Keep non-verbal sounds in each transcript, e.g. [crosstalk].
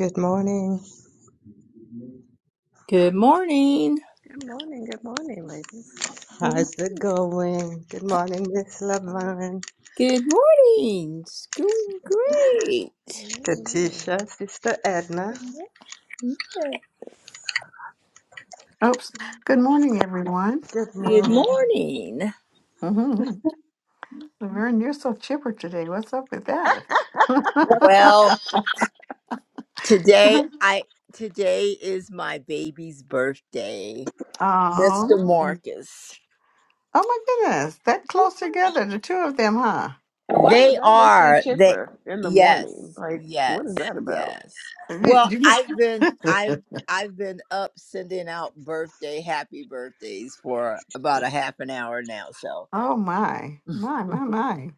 Good morning. Good morning. Good morning, good morning, ladies. How's it going? Good morning, Just Miss be- Lavon. Good morning. School great. hello, hello. Katisha, Sister Edna. Oops. Welcome. Good morning, everyone. Good Good morning. morning. Mm-hmm. Laverne, you're so chipper today. What's up with that? [laughs] Well, today Mhm. I today is my baby's birthday. Mr. Oh, oh Marcus. my goodness. That close together, the two of them, huh? And why would They that make you are they chipper in the morning? yes, Like, what is yes, that about? yes. Well, Did you- I've been I've I've been up sending out birthday happy birthdays for about a half an hour now, so [laughs] Oh my, my, my, my.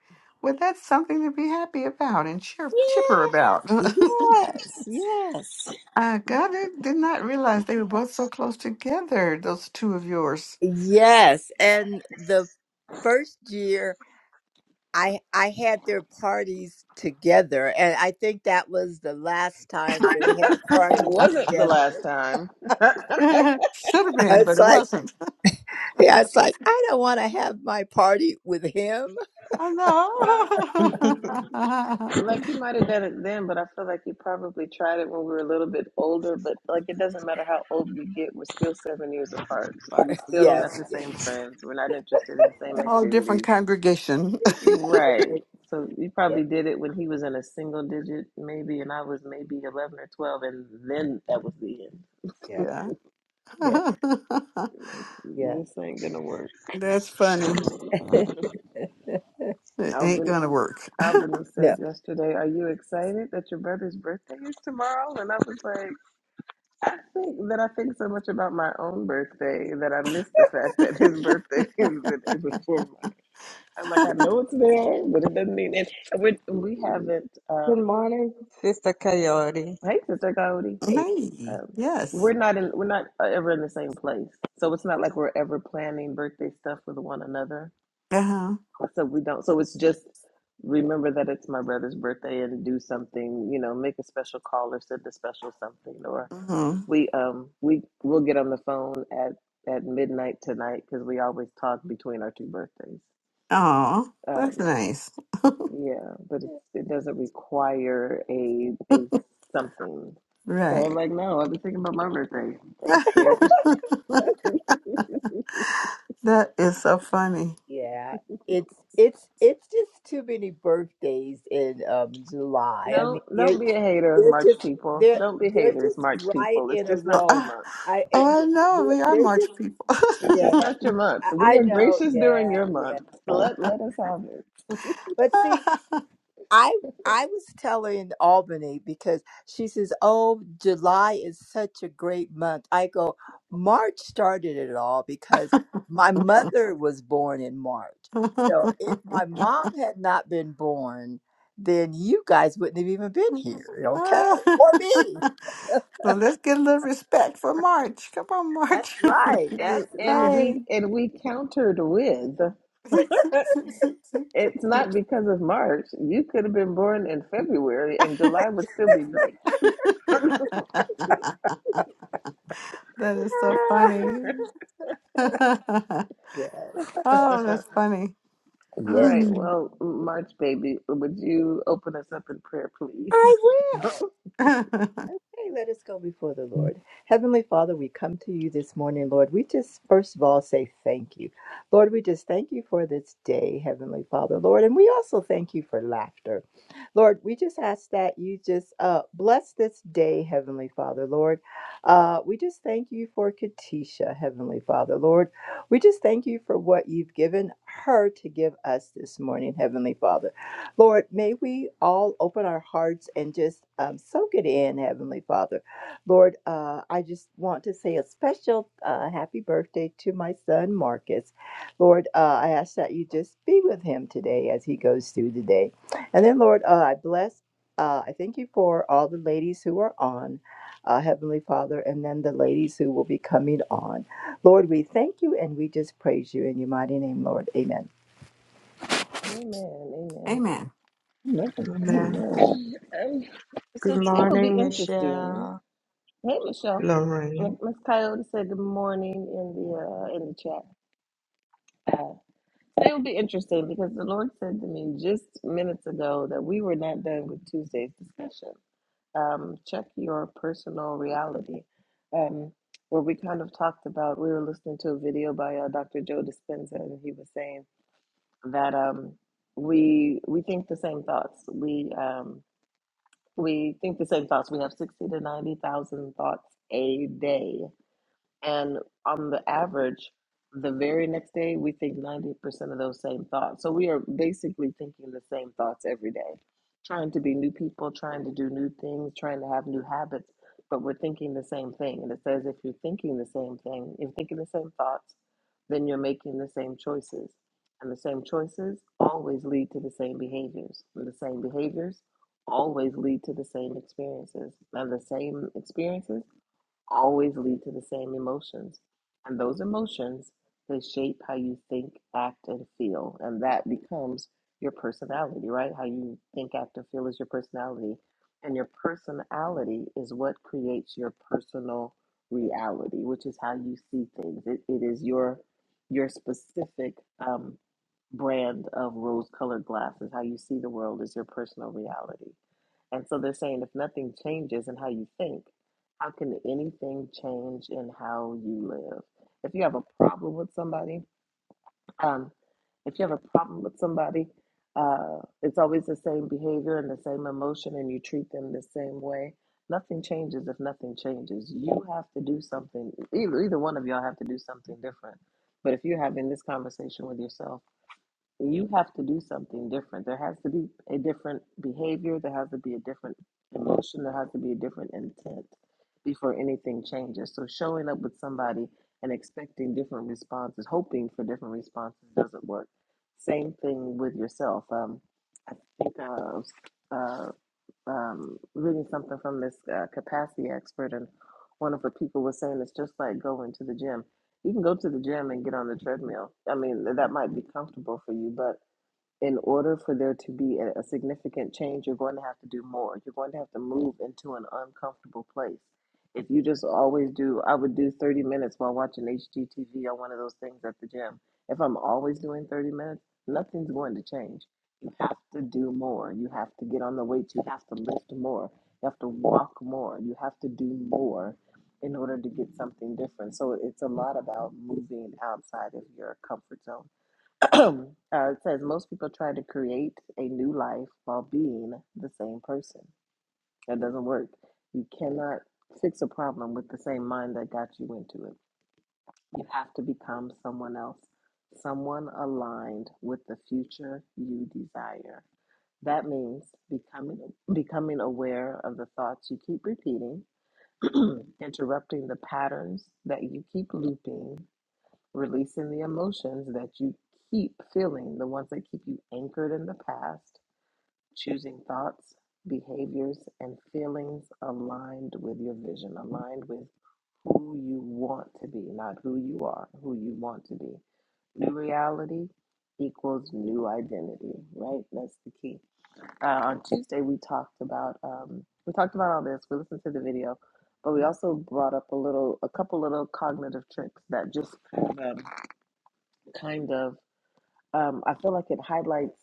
Well, that's something to be happy about and cheer chipper about. Yes, yes, [laughs] I got it. Did not realize they were both so close together, those two of yours. yes. And the first year, I I had their parties together, and I think that was the last time they had It parties wasn't the together. last time. [laughs] [laughs] Should have [laughs] I been, but was it like, wasn't. yeah, I was like, I don't want to have my party with him. [laughs] well, [laughs] I Good know. [laughs] like you might have done it then, but I feel like you probably tried it when we were a little bit older. But like, it doesn't matter how old we get, we're still seven years apart, so Or, we [laughs] still don't have yes, the yes, same friends. We're not interested in the same Oh, different activities. congregation. yes, Right. So you yes, probably did it when he was in a single digit, maybe, and I was maybe 11 or 12, and then that was the end. [laughs] yeah, yeah. [laughs] yeah, Like, yeah. this ain't gonna work. That's funny. [laughs] It ain't Albany, gonna work. Albany [laughs] said No. yesterday, Are you excited that your brother's birthday is tomorrow? And I was like, I think that I think so much about my own birthday that I miss the fact that his birthday [laughs] is the day before mine. I'm like, I know it's there, but it doesn't mean it. We, we haven't, um, morning, Sister Coyote. hey, Sister Cody. Hey, Um, we're yes. not in, we're not ever in the same place, so it's not like we're ever planning birthday stuff with one another. Uh-huh. So we don't. So it's just remember that it's my brother's birthday and do something. You know, make a special call or send a special something, or Mm-hmm. we um we we will get on the phone at at midnight tonight because we always talk between our two birthdays. Oh, that's Um, nice. yeah, but it's, it doesn't require a a something. So Right. I'm like, no, I've been thinking about my birthday. [laughs] Thanks, kid. that is so funny. [sighs] Yeah, it's it's it's just too many birthdays in um July. I mean, No, they're don't be a hater, they're March just people. they're Don't be they're haters, just March right people. It's in a just Uh, not row. your uh, month. I I- Oh, I yeah, know. they're, We are they're March just people. [laughs] It's yeah. just not your month. I, We I are know. gracious during Yeah, your yeah. month. So Let let us have it. But see, I I was telling in Albany because she says, "Oh, July is such a great month." I go, "March started it all because my mother was born in March. So if my mom had not been born, then you guys wouldn't have even been here, okay? Or me." so let's get a little respect for March. Come on, That's March. right. And That's [laughs] and right. hey. we and we countered with it's [laughs] not because of March. You could have been born in February and July would still be great. [laughs] that is so funny. [laughs] oh, [laughs] yes. that's funny. All Yes. right, Mm. well, March baby, would you open us up in prayer, please? I will. [laughs] Okay, let us go before the Lord. Heavenly Father, we come to you this morning, Lord. We just, first of all, say thank you. Lord, we just thank you for this day, Heavenly Father, Lord. And we also thank you for laughter. Lord, we just ask that you just uh, bless this day, Heavenly Father, Lord. Uh, we just thank you for Katisha, Heavenly Father, Lord. We just thank you for what you've given her to give us this morning, Heavenly Father. Lord, may we all open our hearts and just um, soak it in, Heavenly Father. Lord, uh, I just want to say a special uh, happy birthday to my son, Marcus. Lord, uh, I ask that you just be with him today as he goes through the day. And then, Lord, uh, I bless, uh, I thank you for all the ladies who are on. Uh, Heavenly Father, and then the ladies who will be coming on. Lord, we thank you and we just praise you in your mighty name, Lord. Amen. [laughs] Amen. Amen. Amen. Amen. Amen. Um, so Good today will be morning, interesting. Michelle. Hey, Michelle. Lorraine. And Miss Coyote said good morning in the uh, in the chat. Uh, today will be interesting because the Lord said to me just minutes ago that we were not done with Tuesday's discussion. Um, check your personal reality, um, where we kind of talked about. We were listening to a video by uh, Dr. Joe Dispenza, and he was saying that um, we we think the same thoughts. We um, we think the same thoughts. We have sixty to ninety thousand thoughts a day And on the average, the very next day, we think 90% of those same thoughts. So we are basically thinking the same thoughts every day, trying to be new people, trying to do new things, trying to have new habits, but we're thinking the same thing. And it says if you're thinking the same thing, if you're thinking the same thoughts, then you're making the same choices. And the same choices always lead to the same behaviors. And the same behaviors always lead to the same experiences. And the same experiences always lead to the same emotions. And those emotions, they shape how you think, act, and feel. And that becomes your personality, right? How you think, act, and feel is your personality. And your personality is what creates your personal reality, which is how you see things. It, it is your your specific um, brand of rose colored glasses. How you see the world is your personal reality. And so they're saying if nothing changes in how you think, how can anything change in how you live? If you have a problem with somebody, um, if you have a problem with somebody, uh, it's always the same behavior and the same emotion, and you treat them the same way. Nothing changes if nothing changes. You have to do something. Either, either one of y'all have to do something different. But if you're having this conversation with yourself, you have to do something different. There has to be a different behavior, there has to be a different emotion, there has to be a different intent before anything changes. So showing up with somebody and expecting different responses, hoping for different responses doesn't work. Same thing with yourself. Um, I think uh, uh, um, reading something from this uh, capacity expert, and one of the people was saying it's just like going to the gym. You can go to the gym and get on the treadmill. I mean, that might be comfortable for you, but in order for there to be a, a significant change, you're going to have to do more. You're going to have to move into an uncomfortable place. If you just always do, I would do 30 minutes while watching HGTV on one of those things at the gym. If I'm always doing 30 minutes, nothing's going to change. You have to do more. You have to get on the weights. You have to lift more. You have to walk more. You have to do more in order to get something different. So it's a lot about moving outside of your comfort zone [clears throat] uh, it says most people try to create a new life while being the same person. That doesn't work. You cannot fix a problem with the same mind that got you into it. You have to become someone else, someone aligned with the future you desire. That means becoming becoming aware of the thoughts you keep repeating, [clears throat] interrupting the patterns that you keep looping, releasing the emotions that you keep feeling, the ones that keep you anchored in the past, choosing thoughts, behaviors, and feelings aligned with your vision, aligned with who you want to be, not who you are, who you want to be. New reality equals new identity, right? That's the key. Uh, on Tuesday, we talked about um, we talked about all this. We listened to the video, but we also brought up a little, a couple little cognitive tricks that just kind of kind of um, i feel like it highlights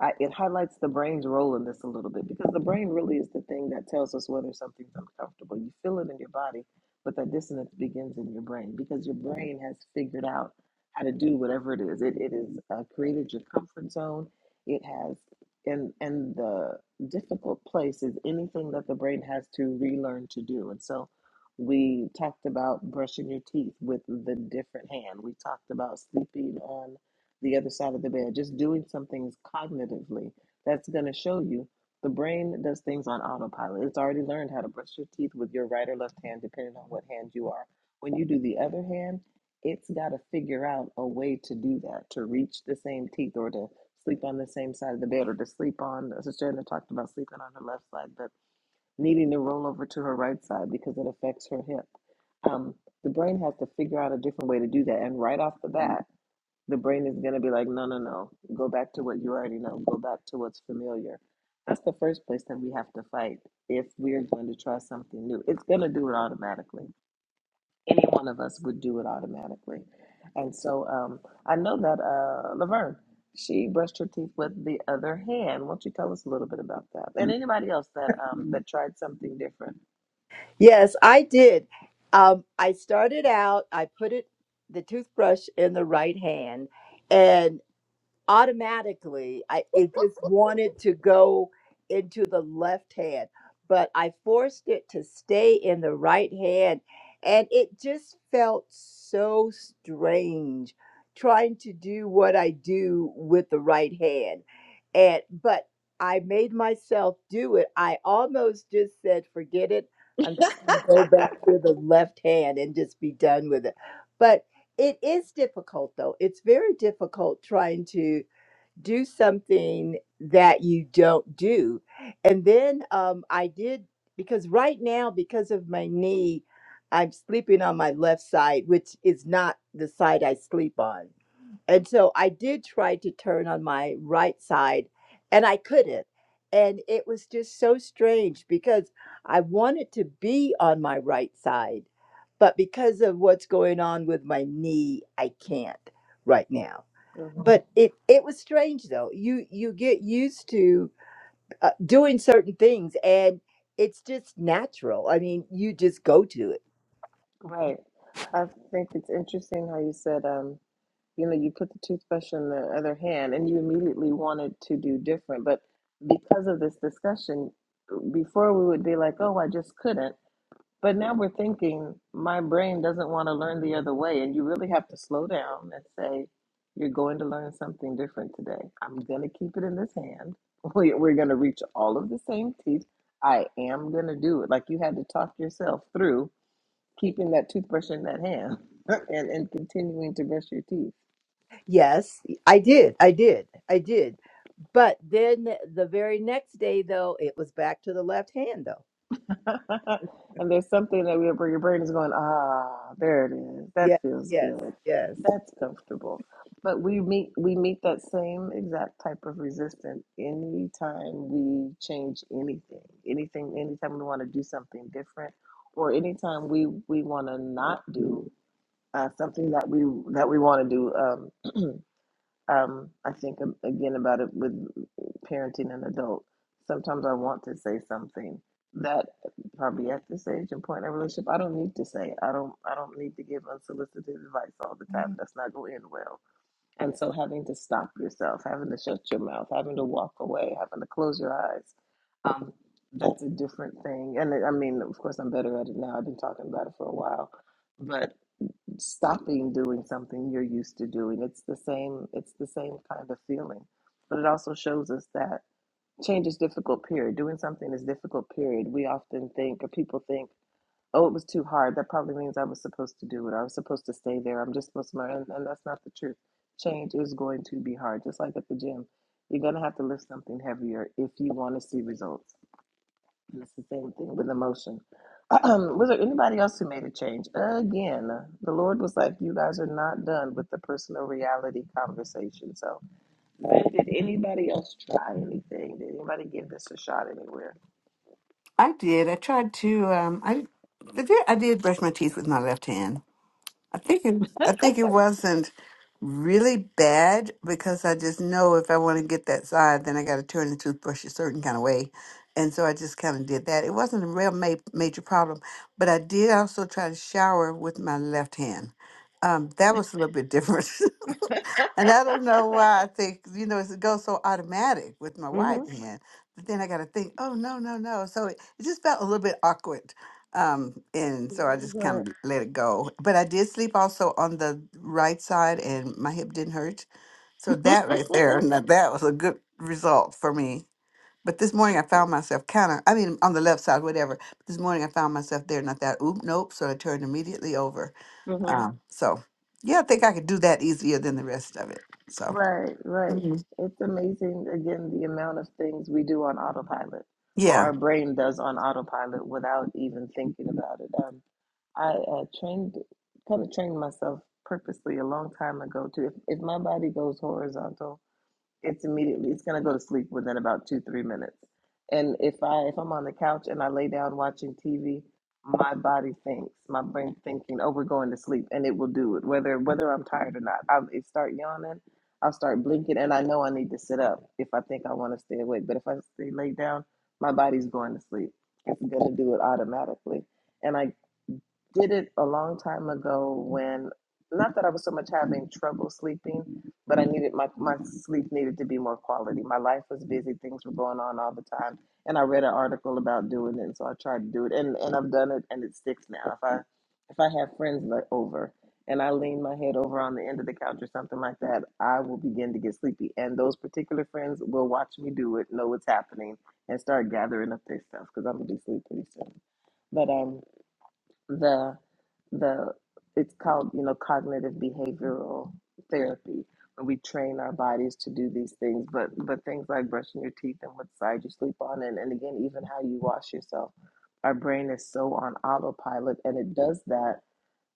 I, it highlights the brain's role in this a little bit because the brain really is the thing that tells us whether something's uncomfortable you feel it in your body but that dissonance begins in your brain because your brain has figured out how to do whatever it is it, it is uh, created your comfort zone it has and and the difficult place is anything that the brain has to relearn to do and so we talked about brushing your teeth with the different hand. We talked about sleeping on the other side of the bed, just doing some things cognitively that's going to show you the brain does things on autopilot. It's already learned how to brush your teeth with your right or left hand, depending on what hand you are. When you do the other hand, it's got to figure out a way to do that, to reach the same teeth or to sleep on the same side of the bed or to sleep on. Sister Edna talked about sleeping on her left side, but needing to roll over to her right side because it affects her hip. Um, the brain has to figure out a different way to do that. And right off the bat, the brain is going to be like, no, no, no. Go back to what you already know. Go back to what's familiar. That's the first place that we have to fight if we're going to try something new. It's going to do it automatically. Any one of us would do it automatically. And so um, I know that uh, Laverne, she brushed her teeth with the other hand. Won't you tell us a little bit about that? And anybody else that um, that tried something different? Yes, I did. Um, I started out, I put it the toothbrush in the right hand, automatically I it just wanted to go into the left hand, but I forced it to stay in the right hand and it just felt so strange trying to do what I do with the right hand. And but I made myself do it. I almost just said, forget it. I'm just going to go back [laughs] to the left hand and just be done with it. But it is difficult, though. It's very difficult trying to do something that you don't do. And then um, I did, because right now, because of my knee, I'm sleeping on my left side, which is not the side I sleep on. And so I did try to turn on my right side and I couldn't. And it was just so strange because I wanted to be on my right side, but because of what's going on with my knee, I can't right now Mhm. but it it was strange though you you get used to uh, doing certain things and it's just natural i mean you just go to it Right. I think it's interesting how you said, um, you know, you put the toothbrush in the other hand and you immediately wanted to do different. But because of this discussion, before we would be like, oh, I just couldn't. But now we're thinking, my brain doesn't want to learn the other way. And you really have to slow down and say, you're going to learn something different today. I'm going to keep it in this hand. [laughs] We- We're going to reach all of the same teeth. I am going to do it. Like you had to talk yourself through keeping that toothbrush in that hand [laughs] and, and continuing to brush your teeth. yes i did i did i did but then the very next day though it was back to the left hand though [laughs] and there's something that we, where your brain is going, ah, there it is. That yes feels yes good. yes That's comfortable. But we meet we meet that same exact type of resistance anytime we change anything. Anything anytime we want to do something different or anytime we we want to not do uh, something that we that we want to do. um. um, I think um, again about it with parenting an adult. Sometimes I want to say something that probably at this age and point in a relationship I don't need to say. I don't I don't need to give unsolicited advice all the time. Mm. That's not going to end well. And so having to stop yourself, having to shut your mouth, having to walk away, having to close your eyes, um, that's a different thing. And I mean, of course, I'm better at it now. I've been talking about it for a while, but stopping doing something you're used to doing. It's the same it's the same kind of feeling. But it also shows us that change is difficult period. Doing something is difficult period. We often think or people think, oh it was too hard. That probably means I was supposed to do it. I was supposed to stay there. I'm just supposed to learn and, and that's not the truth. Change is going to be hard. Just like at the gym. You're gonna have to lift something heavier if you want to see results it's the same thing with emotion. [clears throat] was there anybody else who made a change? Again, the Lord was like, you guys are not done with the personal reality conversation. So, man, did anybody else try anything? Did anybody give this a shot anywhere? I did. I tried to. Um, I, I did. I did brush my teeth with my left hand. I think it, I think it wasn't really bad because I just know if I want to get that side, then I got to turn the toothbrush a certain kind of way, and so I just kind of did that. It wasn't a real ma- major problem, but I did also try to shower with my left hand. Um, that was a little bit different. [laughs] And I [laughs] don't know why I think, you know, it's- it goes so automatic with my right Mm-hmm. Mhm. hand. But then I got to think, oh, no, no, no. So it, it just felt a little bit awkward. Um, and so I just Right. kind of let it go. But I did sleep also on the right side and my hip didn't hurt. So [laughs] that right there, now that was a good result for me. But this morning I found myself kind of, I mean, on the left side, whatever. This morning I found myself there, not that, oop, nope. So I turned immediately over. mm-hmm. Um, so yeah, I think I could do that easier than the rest of it. So. Right, right. Mhm. It's amazing, again, the amount of things we do on autopilot or Yeah. our brain does on autopilot without even thinking about it. Um, I uh, trained, kind of trained myself purposely a long time ago to if, if my body goes horizontal, it's immediately it's gonna go to sleep within about two three minutes. And if I if I'm on the couch and I lay down watching TV, my body thinks, my brain thinking, oh, we're going to sleep, and it will do it whether whether I'm tired or not. I'll it start yawning, I'll start blinking, and I know I need to sit up if I think I want to stay awake. But if I stay laid down, my body's going to sleep. It's gonna do it automatically. And I did it a long time ago when not that I was so much having trouble sleeping, but I needed my my sleep needed to be more quality. My life was busy, things were going on all the time, and I read an article about doing it, and so I tried to do it, and and I've done it, and it sticks now. If I if I have friends le- over and I lean my head over on the end of the couch or something like that, I will begin to get sleepy, and those particular friends will watch me do it, know what's happening, and start gathering up their stuff because I'm gonna be sleepy pretty soon. But um the the it's called you know cognitive behavioral therapy when we train our bodies to do these things but but things like brushing your teeth and what side you sleep on and, and again even how you wash yourself our brain is so on autopilot and it does that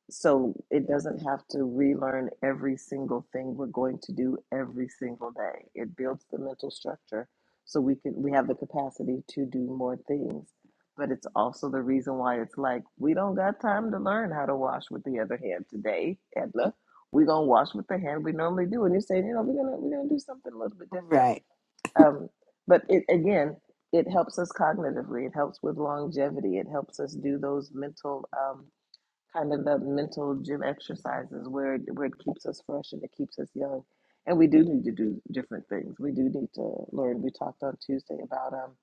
so it doesn't have to relearn every single thing we're going to do every single day it builds the mental structure so we can we have the capacity to do more things but it's also the reason why it's like we don't got time to learn how to wash with the other hand today edna we're gonna wash with the hand we normally do and you say you know we're gonna we're gonna do something a little bit different Right. um, but it again it helps us cognitively it helps with longevity it helps us do those mental um, kind of the mental gym exercises where it- where it keeps us fresh and it keeps us young. And we do need to do different things. We do need to learn. We talked on Tuesday about um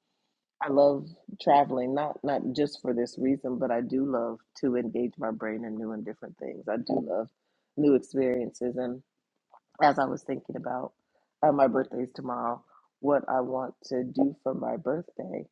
I love traveling, not not just for this reason, but I do love to engage my brain in new and different things. I do love new experiences. and as I was thinking about uh, my birthday's tomorrow, what I want to do for my birthday.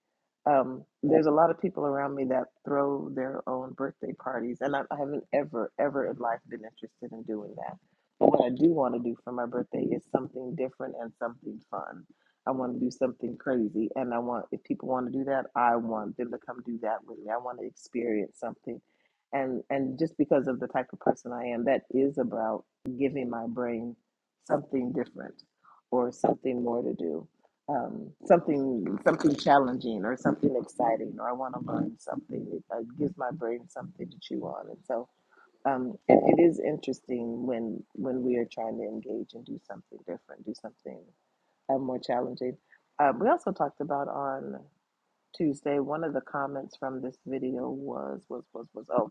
Um, there's a lot of people around me that throw their own birthday parties, and I, I haven't ever, ever in life been interested in doing that. But what I do want to do for my birthday is something different and something fun. I want to do something crazy, and I want, if people want to do that, I want them to come do that with me. I want to experience something. And, and just because of the type of person I am, that is about giving my brain something different or something more to do um, something something challenging or something exciting or i want to learn something it uh, gives my brain something to chew on and so um, it, it is interesting when when we are trying to engage and do something different do something uh, more challenging Uh, we also talked about on tuesday one of the comments from this video was was was was oh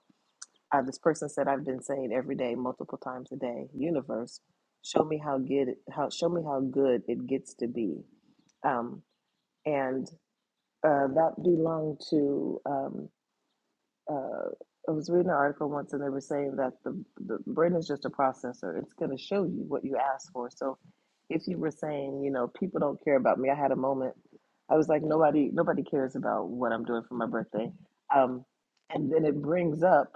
uh, this person said, "I've been saying every day, multiple times a day, universe, show me how good how show me how good it gets to be." Um, and uh, that belonged to. Um, uh, I was reading an article once, and they were saying that the the brain is just a processor. It's going to show you what you ask for. So, if you were saying, you know, people don't care about me, I had a moment. I was like, nobody nobody cares about what I'm doing for my birthday. Um, and then it brings up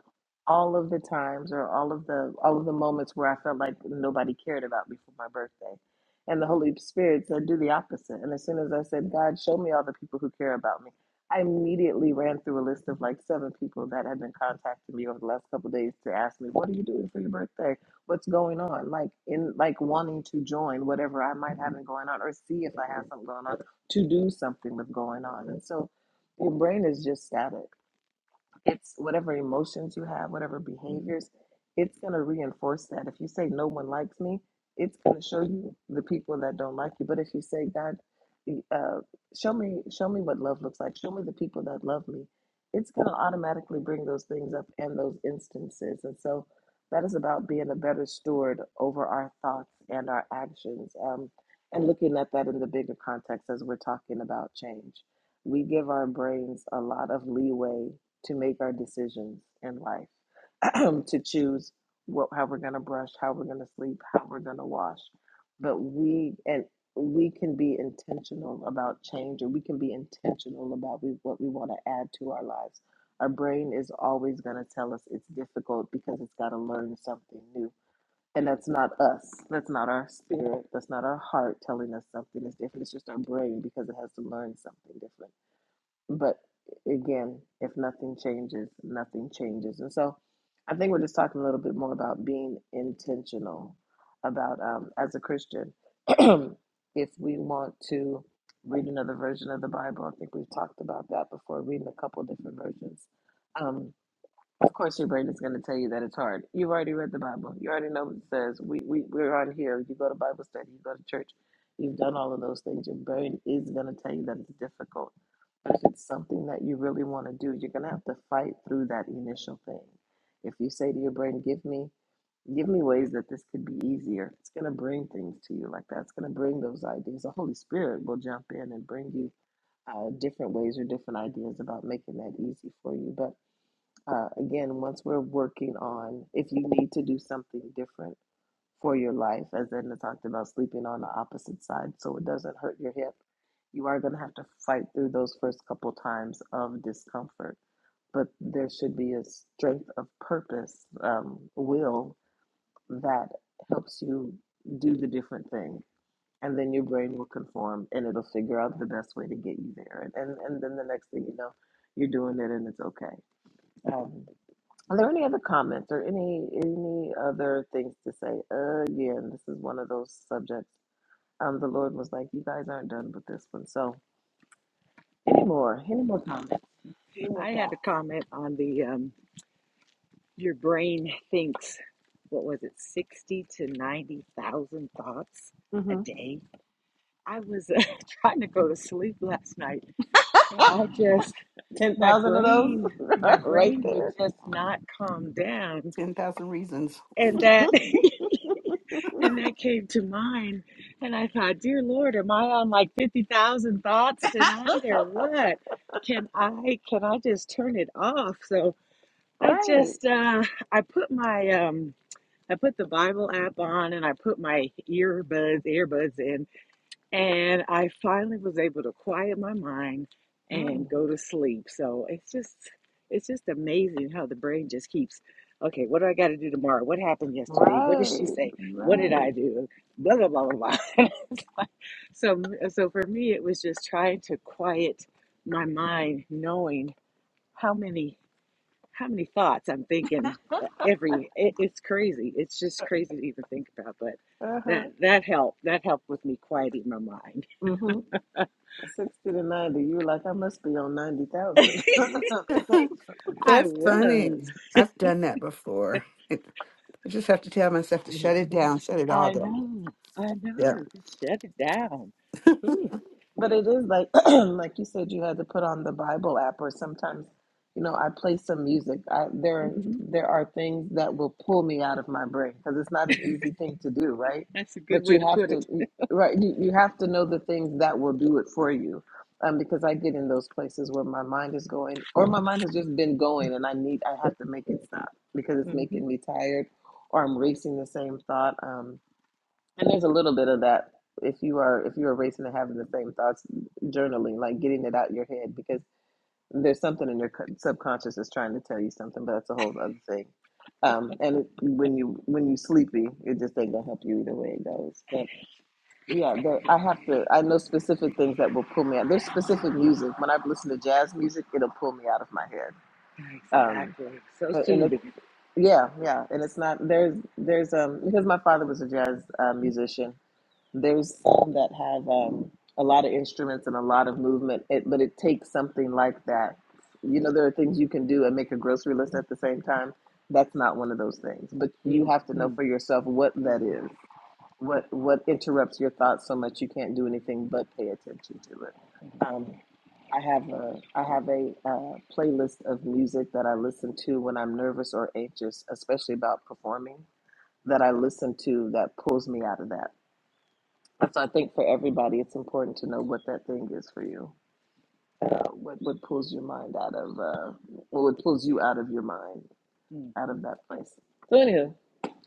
all of the times or all of the all of the moments where I felt like nobody cared about me for my birthday. And the Holy Spirit said, do the opposite. And as soon as I said, God, show me all the people who care about me I immediately ran through a list of like seven people that had been contacting me over the last couple of days to ask me, "What are you doing for your birthday? What's going on?" Like in like wanting to join whatever I might have been going on, or see if I have something going on to do something with going on. And so your brain is just static it's whatever emotions you have, whatever behaviors, it's going to reinforce that. If you say no one likes me, it's going to show you the people that don't like you. But if you say God, uh, show me, show me what love looks like. Show me the people that love me. It's going to automatically bring those things up and those instances. And so that is about being a better steward over our thoughts and our actions, um, and looking at that in the bigger context as we're talking about change. We give our brains a lot of leeway to make our decisions in life, [clears throat] to choose what how we're going to brush, how we're going to sleep, how we're going to wash. But we and we can be intentional about change, or we can be intentional about we, what we want to add to our lives. Our brain is always going to tell us it's difficult because it's got to learn something new. And that's not us. That's not our spirit. That's not our heart telling us something is different. It's just our brain because it has to learn something different. But again, if nothing changes, nothing changes. And so I think we're just talking a little bit more about being intentional about um, as a Christian, [clears throat] if we want to read another version of the Bible, I think we've talked about that before, reading a couple different versions. Um, of course, your brain is going to tell you that it's hard. You've already read the Bible. You already know what it says. We, we, we're on here. You go to Bible study, you go to church. You've done all of those things. Your brain is going to tell you that it's difficult. But if it's something that you really want to do, you're going to have to fight through that initial thing. If you say to your brain, give me give me ways that this could be easier. It's going to bring things to you like that. It's going to bring those ideas. The Holy Spirit will jump in and bring you uh, different ways or different ideas about making that easy for you. But uh, again, once we're working on if you need to do something different for your life, as Edna talked about, sleeping on the opposite side so it doesn't hurt your hip, you are going to have to fight through those first couple times of discomfort. But there should be a strength of purpose, um, will that helps you do the different thing. And then your brain will conform and it'll figure out the best way to get you there. And, and, and then the next thing you know, you're doing it and it's okay. Um. Are there any other comments or any any other things to say? Again, this is one of those subjects. Um, the Lord was like, "You guys aren't done with this one." So, any more? Any more comments? Any more I had a thoughts? comment on the um, your brain thinks, what was it, 60 to 90,000 thoughts a Mm-hmm. day. I was uh, [laughs] trying to go to sleep last night and [laughs] I just, Ten my thousand of those, brain, [laughs] my right brain would there. just not calm down. 10,000 reasons. And that, [laughs] [laughs] and that came to mind. And I thought, dear Lord, am I on like 50,000 thoughts tonight or what? Can I, can I just turn it off? So, I right. just uh I put my um I put the Bible app on and I put my earbuds earbuds in and I finally was able to quiet my mind Mm. and go to sleep. So it's just it's just amazing how the brain just keeps okay, what do I got to do tomorrow? What happened yesterday? What did she Right. say? What did I Right. do? blah blah blah blah. blah. [laughs] so so for me it was just trying to quiet my mind knowing how many how many thoughts I'm thinking uh, every it, it's crazy. It's just crazy to even think about, but Uh that huh. that helped. That helped with me quieting my mind. Mm-hmm. Sixty to ninety. You're like, I must be on ninety thousand. [laughs] [laughs] I That's funny. was. I've done that before. It, I just have to tell myself to shut it [laughs] down, shut it all I down. know. I Yeah. know. Just shut it down. Ooh, But it is like [clears throat] like you said, you had to put on the Bible app, or sometimes, you know, I play some music. I, there hmm there are things that will pull me out of my brain because it's not an easy thing to do, right? That's a good But way you to have put to, it. you- right? You, you have to know the things that will do it for you, um, because I get in those places where my mind is going, or my mind has just been going, and I need I have to make it stop because it's hmm making me tired, or I'm racing the same thought. Um, and there's a little bit of that if you are if you are racing and having the same thoughts, journaling, like getting it out your head because there's something in your subconscious that's trying to tell you something, but that's a whole other thing. Um, and it, when you when you sleepy, it just ain't gonna help you either way it goes. But yeah, there, I have to. I know specific things that will pull me out. There's specific music. When I listen to jazz music, it'll pull me out of my head. Um, Exactly. So and it, soothing. yeah, yeah. And it's not there's there's um because my father was a jazz uh, musician there's some that have um, a lot of instruments and a lot of movement, it, but it takes something like that. You know, there are things you can do and make a grocery list at the same time. That's not one of those things. But you have to Mm-hmm. know for yourself what that Mm-hmm. is. What what interrupts your thoughts so much you can't do anything but pay attention to it. Um, [laughs] I have a I have a uh, playlist of music that I listen to when I'm nervous or anxious, especially about performing. That I listen to that pulls me out of that. And So I think for everybody, it's important to know what that thing is for you. Uh, what what pulls your mind out of uh, well, what pulls you out of your mind, out of Mm-hmm. that place. So anywho,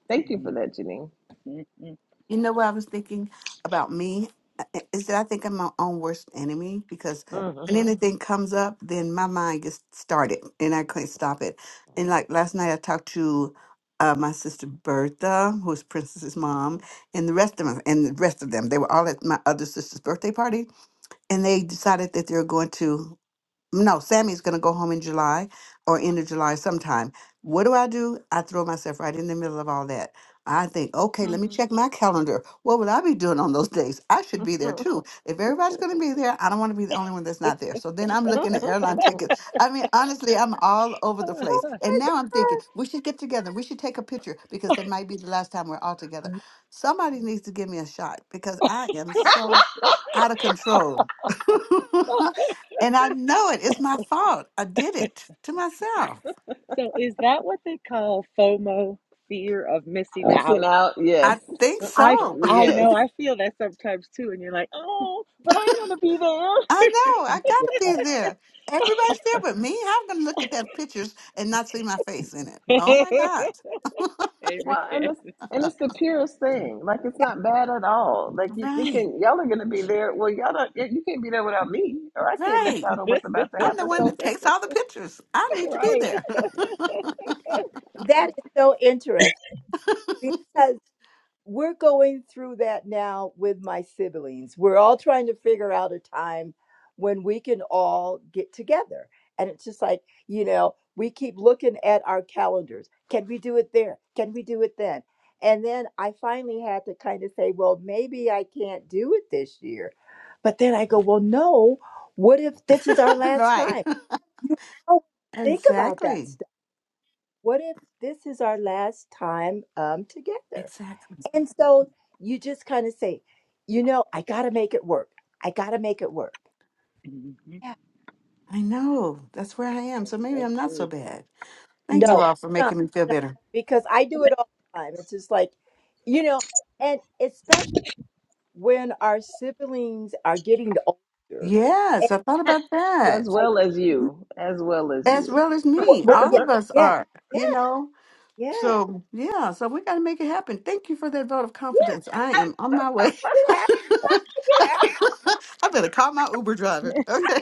thank you for that, Janine. Mm-hmm. You know what I was thinking about me? Uh, uh, Is that I think I'm my own worst enemy because Yeah. when anything comes up, then my mind gets started and I can't stop it. And like last night, I talked to uh, my sister Bertha, who's Princess's mom, and the rest of them, and the rest of them. They were all at my other sister's birthday party. and they decided that they're going to no, Sammy's going to go home in July or end of July sometime. What do I do? I throw myself right in the middle of all that. I think, okay, let me check my calendar. What would I be doing on those [laughs] days? I should be there Mm-hmm. too. If everybody's going to be there, I don't want to be the only one that's not there. So then I'm [laughs] looking at airline tickets. I mean, honestly, I'm all over the place. And now I'm thinking, we should get together. We should take a picture because that might be the last time we're all together. Somebody needs to give me a shot because I am so out of control. [laughs] Oh, And I know it. It's my fault. I did it to myself. so is that what they call FOMO, fear of missing Missing out? out, yes, I think I [laughs] so. I yes. know I feel that sometimes too, and you're like, oh, but I want [laughs] I know. I got to Yeah, be there. Everybody's there but me. How am I going to look at that pictures and not see my face in it? to Oh be my there. God. [laughs] Well, Amen. and it's and it's the purest thing. Like it's not bad at all. Like you Right. thinking y'all are gonna be there. Well, y'all don't. You you can't be there without me, or I can't miss Right. out on what's [laughs] about to I'm the happen. one So that takes all the pictures. I need to be right. there. that is so interesting because. we're going through that now with my siblings. We're all trying to figure out a time when we can all get together. And it's just like, you know, we keep looking at our calendars. Can we do it there? Can we do it then? And then I finally had to kind of say, well, maybe I can't do it this year. But then I go, well, no, what if this is our [laughs] last right. time? Oh, think about that Exactly. stuff. What if this is our last time um, together? Exactly. And so you just kind of say, you know, I got to make it work. I got to make it work. Mm-hmm. Yeah. I know. That's where I am. It's So maybe so I'm not so true. bad. Thank you No, all for no, making me feel no, better. because I do it all the time. It's just like, you know, and especially when our siblings are getting older, and Yes, I thought about that. as like, well as you, as well as as you. well as what, me. what, All yeah, of us yeah, are, yeah, you know. yeah, So yeah, so we got to make it happen. Thank you for that vote of yeah, confidence. I am on my way. [laughs] get out, get out. I'm gonna call my Uber driver. Okay,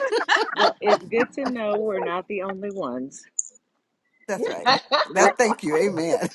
Well, it's good to know It's we're like, not the only ones. [laughs] that's right. [laughs] That's thank you. Amen.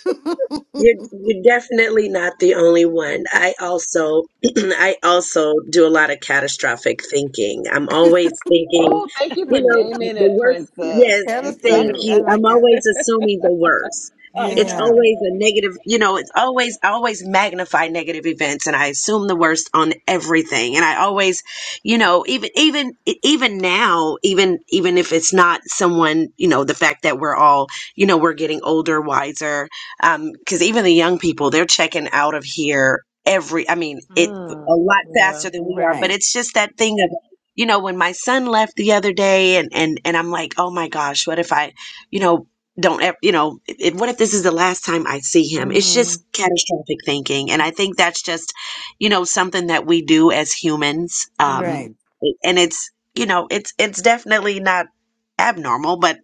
You're you're definitely not the only one. I also [clears throat] I also do a lot of catastrophic thinking. I'm always thinking, Oh, thank you for you know, naming the it, worst. Princess. Yes, [laughs] Thank thank Catastrophic. I you. you. I'm like it. always assuming the worst. I It's know. Yeah. always a negative, you know, it's always I always magnify negative events and I assume the worst on everything. And I always, you know, even even e, even now, even even if it's not someone, you know, the fact that we're all, you know, we're getting older, wiser, because even the young people they're checking out of here every i mean it a Mm, lot yeah. faster than we are but Right. it's just that thing of you know when my son left the other day and and and i'm like oh my gosh what if i you know don't ever you know it- what if this is the last time i see him it's Mhm. just catastrophic thinking and i think that's just you know something that we do as humans um Right. and it's you know it's it's definitely not abnormal but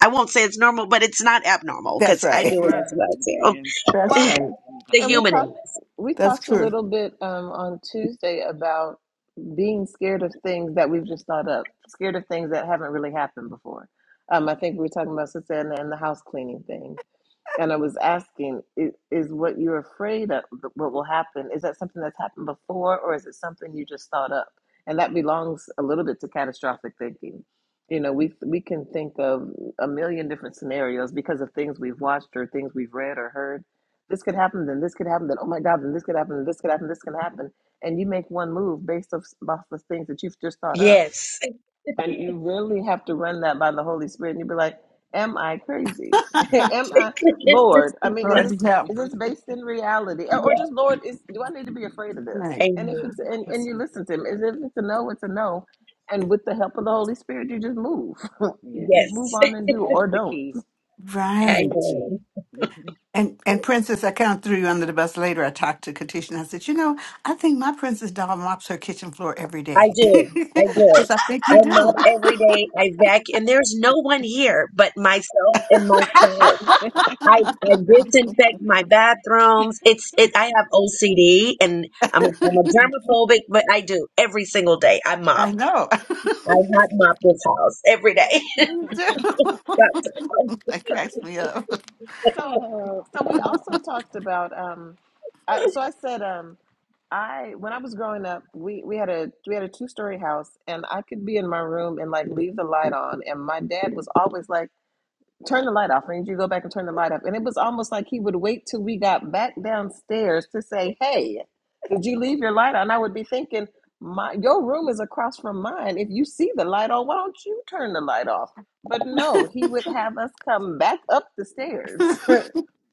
I won't say it's normal, but it's not abnormal That's because I right. do it Mhm. as well too. Amen. [laughs] That's Well, right. Amen. The and yeah, we human in talked us. we That's talked a true. little bit um, on Tuesday about being scared of things that we've just thought up, scared of things that haven't really happened before. Um, I think we were talking about Susanna and the house cleaning thing. And I was asking, is, is what you're afraid of, th- what will happen, is that something that's happened before or is it something you just thought up? And that belongs a little bit to catastrophic thinking. You know, we, we can think of a million different scenarios because of things we've watched or things we've read or heard. This could happen, then this could happen, then oh my God, then this could happen, then this could happen, this could happen. And you make one move based off, off the things that you've just thought up. Yes. And you really have to run that by the Holy Spirit, and you'd be like, "Am I crazy? [laughs] [laughs] Am I Lord? I mean, is this Lord help. is this based in reality, or or Yes. just Lord? Is do I need to be afraid of this? Right. And if it's Amen. and, and you listen to Him, is if it's a no, it's a no, and with the help of the Holy Spirit, you just move, [laughs] You Yeah, move Yes. on that's and do that's or the don't. key. That's Right. the key. Amen. hmm And and Princess, I kind of threw you under the bus later. I talked to Katisha and I said, you know, I think my Princess doll mops her kitchen floor every I day. [laughs] do. I do. Because I think I you do. mop every day. I vacuum. And there's no one here but myself and my spouse. I, I disinfect my bathrooms. It's it. I have OCD and I'm a, I'm a germaphobic, but I do every single day. I mop. I know. [laughs] I hot mop this house every day. you do. [laughs] That's [laughs] that cracks me up. [laughs] So, Oh, so we oh. also talked about. Um, I, so I said, um, I when I was growing up, we we had a we had a two story house, and I could be in my room and like leave the light on, and my dad was always like, "Turn the light off," and you to go back and turn the light off, and it was almost like he would wait till we got back downstairs to say, "Hey, did you leave your light on?" And I would be thinking, "My your room is across from mine. If you see the light on, why don't you turn the light off?" But [laughs] no, he would have us come back up the stairs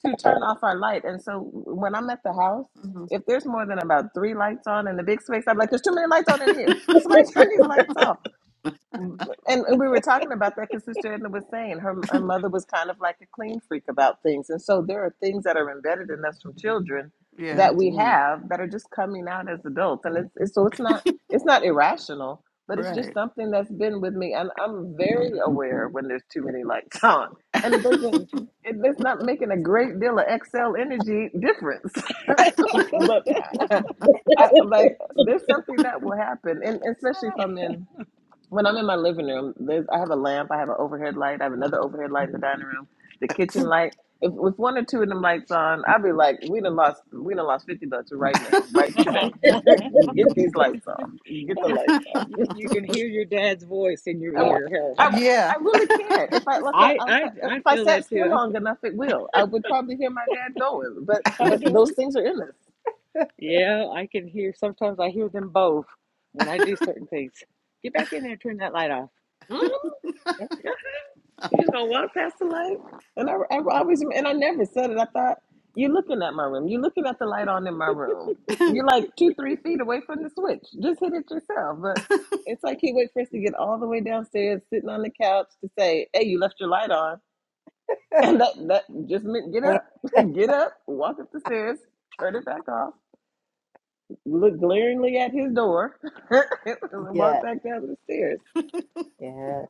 to turn off our light. And so when I'm at the house, Mhm. if there's more than about three lights on in the big space, I'm like, there's too many lights on in here. Somebody [laughs] turn these lights off. Mm, And and we were talking about that because Sister Edna was saying her, her mother was kind of like a clean freak about things. And so there are things that are embedded in us from children hmm yeah, that we hmm have that are just coming out as adults. And it's, it's so it's not it's not irrational, but it's just right. something that's been with me. And I'm very aware when there's too many lights [laughs] on. And it doesn't hmm it, it's not making a great deal of Excel energy difference. [laughs] but I, I like there's something that will happen. And especially if I'm in when I'm in my living room, there's I have a lamp, I have an overhead light, I have another overhead light in the dining room, the kitchen light. If with one or two of them lights on, I'd be like, we done lost we done lost fifty bucks right now, right [laughs] [laughs] today. [laughs] Get these lights off. Get the lights off. you [laughs] you can hear your dad's voice in your I, ear. Hell, I, yeah. I really can't. If I, I if I I if I I feel sat that still too. long enough, it will. I would probably hear my dad going. But I, I but do. those things are in us. Yeah, I can hear. Sometimes I hear them both when I do certain things. Get back in there, turn that light off, Mhm. yeah, You know what, Pastor Light? And I, I always, and I never said it. I thought, you're looking at my room. You're looking at the light on in my room. [laughs] You're like two, three feet away from the switch. Just hit it yourself. But it's like he wait for us to get all the way downstairs, sitting on the couch to say, hey, you left your light on. [laughs] And that, that just meant get up, yeah, [laughs] get up, walk up the stairs, turn it back off, look glaringly at his door, [laughs] [laughs] and walk yeah, back down the stairs. yeah.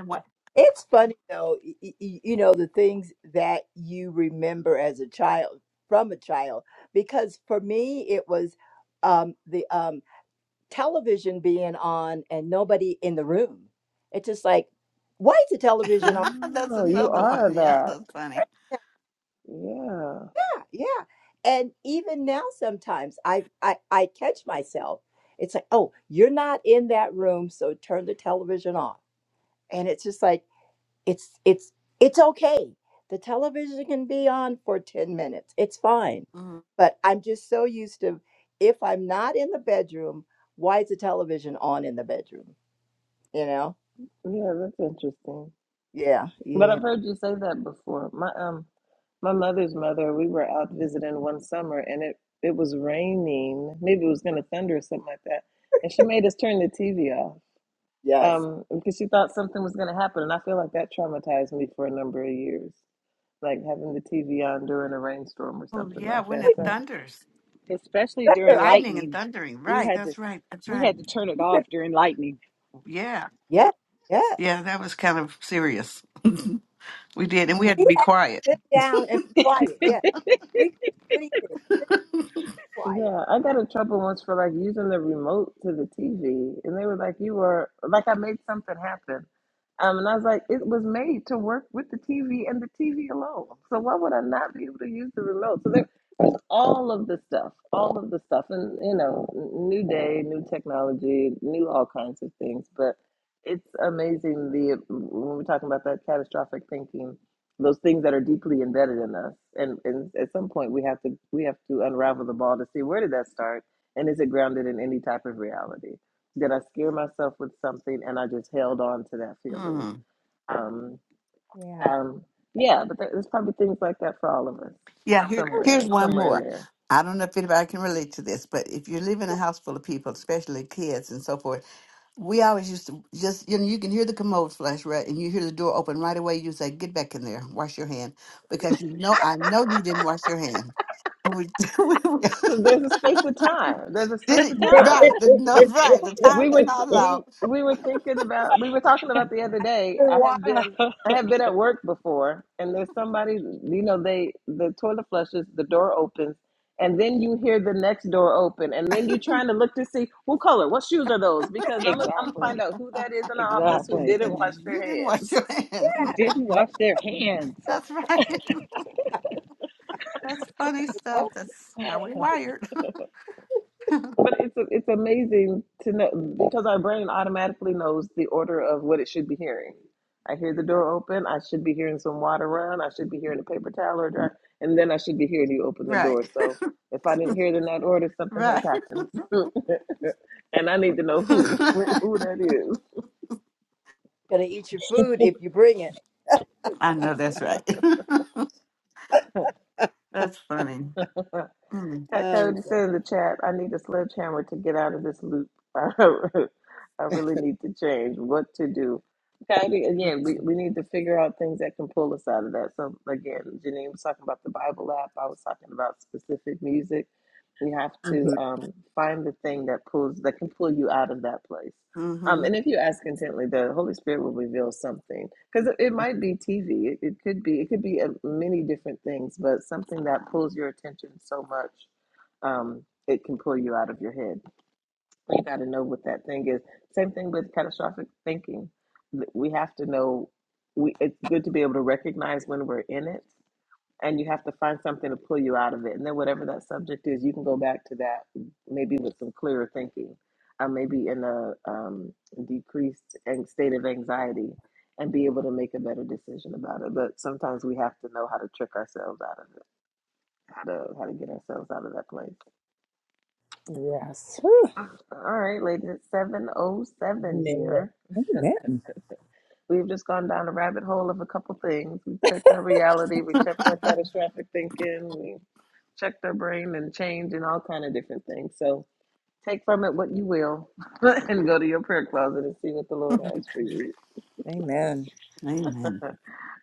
And what- It's funny though, y- y- y- you know, the things that you remember as a child from a child, because for me it was um, the um, television being on and nobody in the room. It's just like, why is the television on? [laughs] that's Oh, you another one. are Yeah, that. that's funny. Yeah, yeah. yeah. And even now, sometimes I, I I catch myself. It's like, oh, you're not in that room, so turn the television off. And it's just like it's it's it's okay the television can be on for 10 minutes it's fine Mm. but i'm just so used to if i'm not in the bedroom why is the television on in the bedroom you know Yeah, that's interesting. yeah But yeah I've heard you say that before. My um my mother's mother, we were out visiting one summer and it it was raining. Maybe it was going to thunder or something like that. And she made us turn the TV off yes um because she thought something was going to happen and I feel like that traumatized me for a number of years. Like having the TV on during a rainstorm or Oh, something yeah, like when that. we it So thunders. especially during better Lightning and lightning. thundering. We Right. had to, That's right. That's we right. had to turn it off during lightning. Yeah. yes yes Yeah. That was kind of serious. [laughs] we did. And we had to we be have to quiet. sit down and be quiet Yes. we can do anything quiet Yeah, I got in trouble once for like using the remote to the TV, and they were like, "You were like I made something happen," um, and I was like, "It was made to work with the TV and the TV alone. So why would I not be able to use the remote?" So all of the stuff, all of the stuff, and you know, new day, new technology, new all kinds of things. But it's amazing the when we're talking about that catastrophic thinking, those things that are deeply embedded in us, and and at some point we have to we have to unravel the ball to see where did that start, and is it grounded in any type of reality? Did I scare myself with something and I just held on to that feeling? Mm. Um, yeah um, yeah, but there- there's probably things like that for all of us Yeah, here, here's somewhere, one somewhere in more. there. I don't know if anybody can relate to this, but if you live in a house full of people, especially kids and so forth, we always used to just, you know, you can hear the commode flash, right? And you hear the door open right away. You say, get back in there, wash your hand, because you know, I know you didn't wash your hand. We, we- [laughs] we- [laughs] Because there's a space of time. There's a did space it of time. right. The, no, right. The time We did were not allow. we we were thinking about we were talking about the other day. We I walk- have [laughs] been I have been at work before, and there's somebody you know they the toilet flushes, the door opens, and then you hear the next door open, and then you're trying to look to see who color, what shoes are those, because I'm i I'm gonna find exactly, out who that is in the office who exactly. 'Cause didn't wash you their didn't wash hands. your hands. Who didn't wash their hands? [laughs] That's right. [laughs] [laughs] That's funny stuff. oh That's God. how we wired. [laughs] But it's it's amazing to know because our brain automatically knows the order of what it should be hearing. I hear the door open. I should be hearing some water run. I should be hearing a paper towel or dry, and then I should be hearing you open the Right. door. [laughs] So if I didn't hear it in that order, something has Right. happened, [laughs] and I need to know [laughs] who [laughs] who that is. gonna eat your food if you bring it I know that's right. [laughs] That's funny. Mm, Cat oh Cody said in the chat, I need a sledgehammer to get out of this loop. [laughs] I really need to change what to do. Cody, again, God. we, we need to figure out things that can pull us out of that. So, again, Janine was talking about the Bible app. I was talking about specific music. We have to Mhm. um, find the thing that pulls that can pull you out of that place. Um, Mm-hmm. and if you ask intently, the Holy Spirit will reveal something because it, it might be TV. It, it could be it could be uh, many different things, but something that pulls your attention so much um, it can pull you out of your head. So you got to know what that thing is. Same thing with catastrophic thinking. We have to know. We it's good to be able to recognize when we're in it, and you have to find something to pull you out of it. And then whatever that subject is, you can go back to that maybe with some clearer thinking, uh, maybe in a um, decreased an- state of anxiety, and be able to make a better decision about it. But sometimes we have to know how to trick ourselves out of it, how to how to get ourselves out of that place. yes Whew. Uh, All right, ladies, it's 707 Amen. here. Amen. We've just gone down a rabbit hole of a couple things. We checked our reality, we checked our catastrophic thinking, we checked our brain and change and all kind of different things. So take from it what you will [laughs] and go to your prayer closet and see what the Lord has for you. Amen. Amen.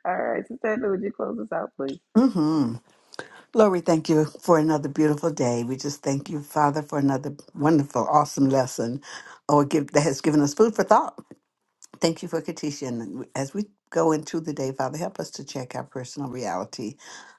All right, Sister Angela, would you close us out, please? Mm-hmm. Lord, we thank you for another beautiful day. We just thank you, Father, for another wonderful, awesome lesson or give, that has given us food for thought. Thank you for Katisha. And as we go into the day, Father, help us to check our personal reality.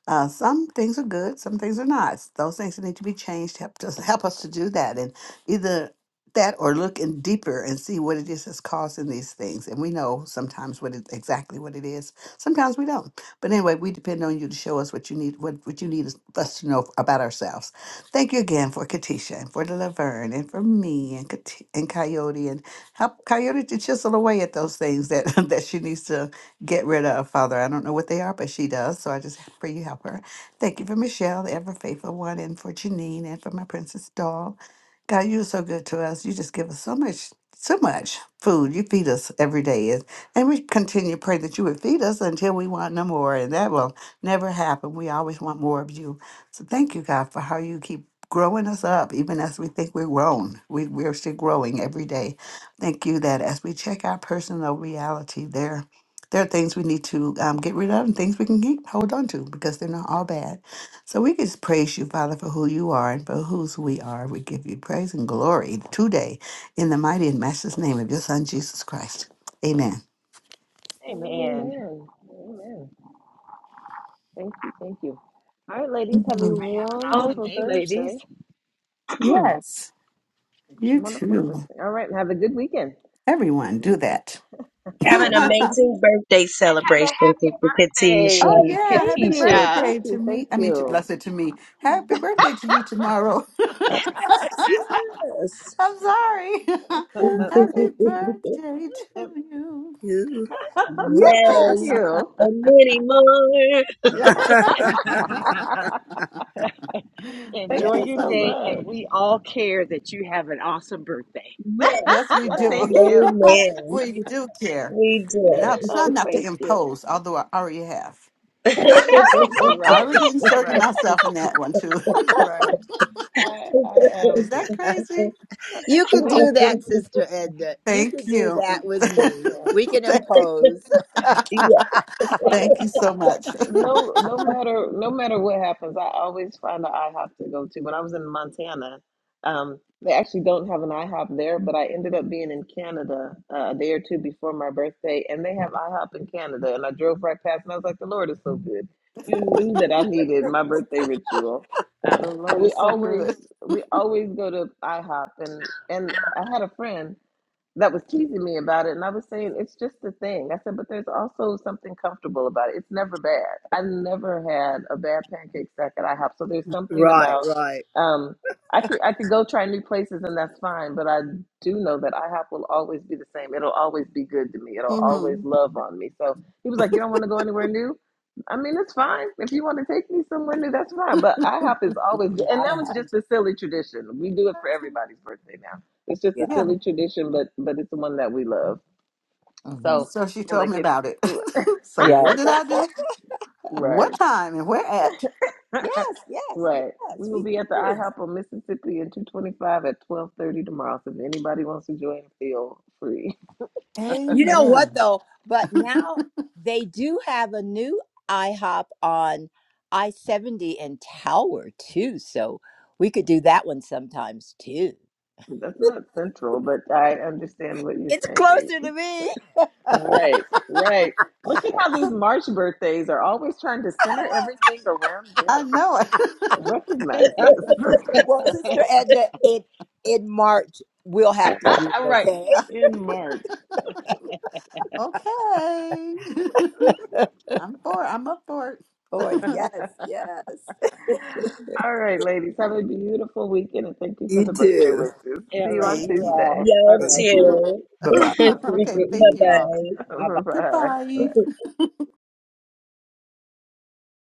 Uh, some things are good, some things are not. Those things that need to be changed, help us, help us to do that. And either that or look in deeper and see what it is that's causing these things. And we know sometimes what it, exactly what it is. Sometimes we don't. But anyway, we depend on you to show us what you need, what, what you need is us to know about ourselves. Thank you again for Katisha and for Laverne and for me and Kat- and Coyote and help Coyote to chisel away at those things that, [laughs] that she needs to get rid of, Father. I don't know what they are, but she does. So I just pray you help her. Thank you for Michelle, the ever faithful one, and for Janine and for my princess doll. God, you're so good to us. You just give us so much, so much food. You feed us every day. And, and we continue to pray that you would feed us until we want no more. And that will never happen. We always want more of you. So thank you, God, for how you keep growing us up, even as we think we're grown. We, we're still growing every day. Thank you that as we check our personal reality, there, there are things we need to um, get rid of and things we can keep, hold on to because they're not all bad. So we just praise you, Father, for who you are and for whose we are. We give you praise and glory today in the mighty and master's name of your Son, Jesus Christ. Amen. [laughs] Hey, Amen. Amen. Amen. Thank you. Thank you. All right, ladies, have a Mhm. Oh, Awesome wonderful day, ladies. Thursday. [clears throat] Yes, you wonderful too. Thursday. All right, have a good weekend. Everyone, do that. [laughs] Have an [laughs] Everyone, oh, amazing birthday have celebration, Sister a Katisha. happy yeah. Thank Happy birthday, you. Katisha. Thank birthday to you. me. Thank I mean, to, you. let's say to me. Happy birthday to you tomorrow. [laughs] Yes. I'm sorry. [laughs] [laughs] Thank Happy Thank you. birthday [laughs] to you. you. [laughs] Thank yes. Yes. you. And many more. Yeah. [laughs] [laughs] [laughs] [laughs] Thank Enjoy you Yes. your so day, much. and we all care that you have an awesome birthday. [laughs] Yes. Yes, we Yes. do. Thank you. [laughs] Amen. we do care. We And I'll do. try Oh, not to thank you. impose, although I already have. [laughs] [laughs] [laughs] I right, already inserted right, myself in that one too. right. I, I am. [laughs] Is Um, that crazy? You can we, do that, Sister Edna. You Thank can do you. that [laughs] with me. yeah, We can Thank you. impose. yes. yeah. Thank you so much. [laughs] No, no matter no matter what happens, I always find an IHOP to go to. When I was in Montana, um, they actually don't have an IHOP there, but I ended up being in Canada uh, a day or two before my birthday, and they have IHOP in Canada. And I drove right past, and I was like, "The Lord is so good." You knew that I needed my birthday ritual. The Um, Lord we is so good. always we always go to IHOP, and and I had a friend that was teasing me about it, and I was saying it's just a thing. I said, but there's also something comfortable about it. It's never bad. I never had a bad pancake stack at IHOP, so there's something right, about. right. Um, I could I could go try new places and that's fine, but I do know that IHOP will always be the same. It'll always be good to me. It'll always Mhm. love on me. So he was like, "You don't want to go anywhere new." I mean, it's fine. If you want to take me somewhere new, that's fine. But [laughs] IHOP is always, and I that was have. just a silly tradition. We do it for everybody's birthday now it's just a Yeah. Yeah. silly tradition, but but it's the one that we love. hmm So So she and told like me if about it. [laughs] [laughs] so what Yes. [laughs] did I do? What right, time and where at? Yes. [laughs] Yes. right, Yes. we will We be can at the do it. IHOP on Mississippi and 225 at 12:30 tomorrow. So if anybody wants to join, feel free. You know what Amen. though? But now they do have a new IHOP on I 70 and Tower too. So we could do that one sometimes too. [laughs] That's not central, but I understand what you're It's saying. closer to me. Right, right. Look at how these March birthdays are always trying to center everything around I them. know it. Recognize this. [laughs] Well, Sister Edna, in in March we'll have to do it, All right, okay? [laughs] in March. [laughs] okay. [laughs] I'm for it. I'm up for Oh it. [laughs] yes, [laughs] yes. All right, ladies, have a beautiful weekend and thank you for You the birthday too. wishes. All See you right, on thank you you. Tuesday. all. All Y'all right. Thank you. too. [laughs] Bye bye. Have a [laughs] great okay, weekend, thank you Bye you guys. all. bye. [laughs] Bye bye. Bye. Goodbye.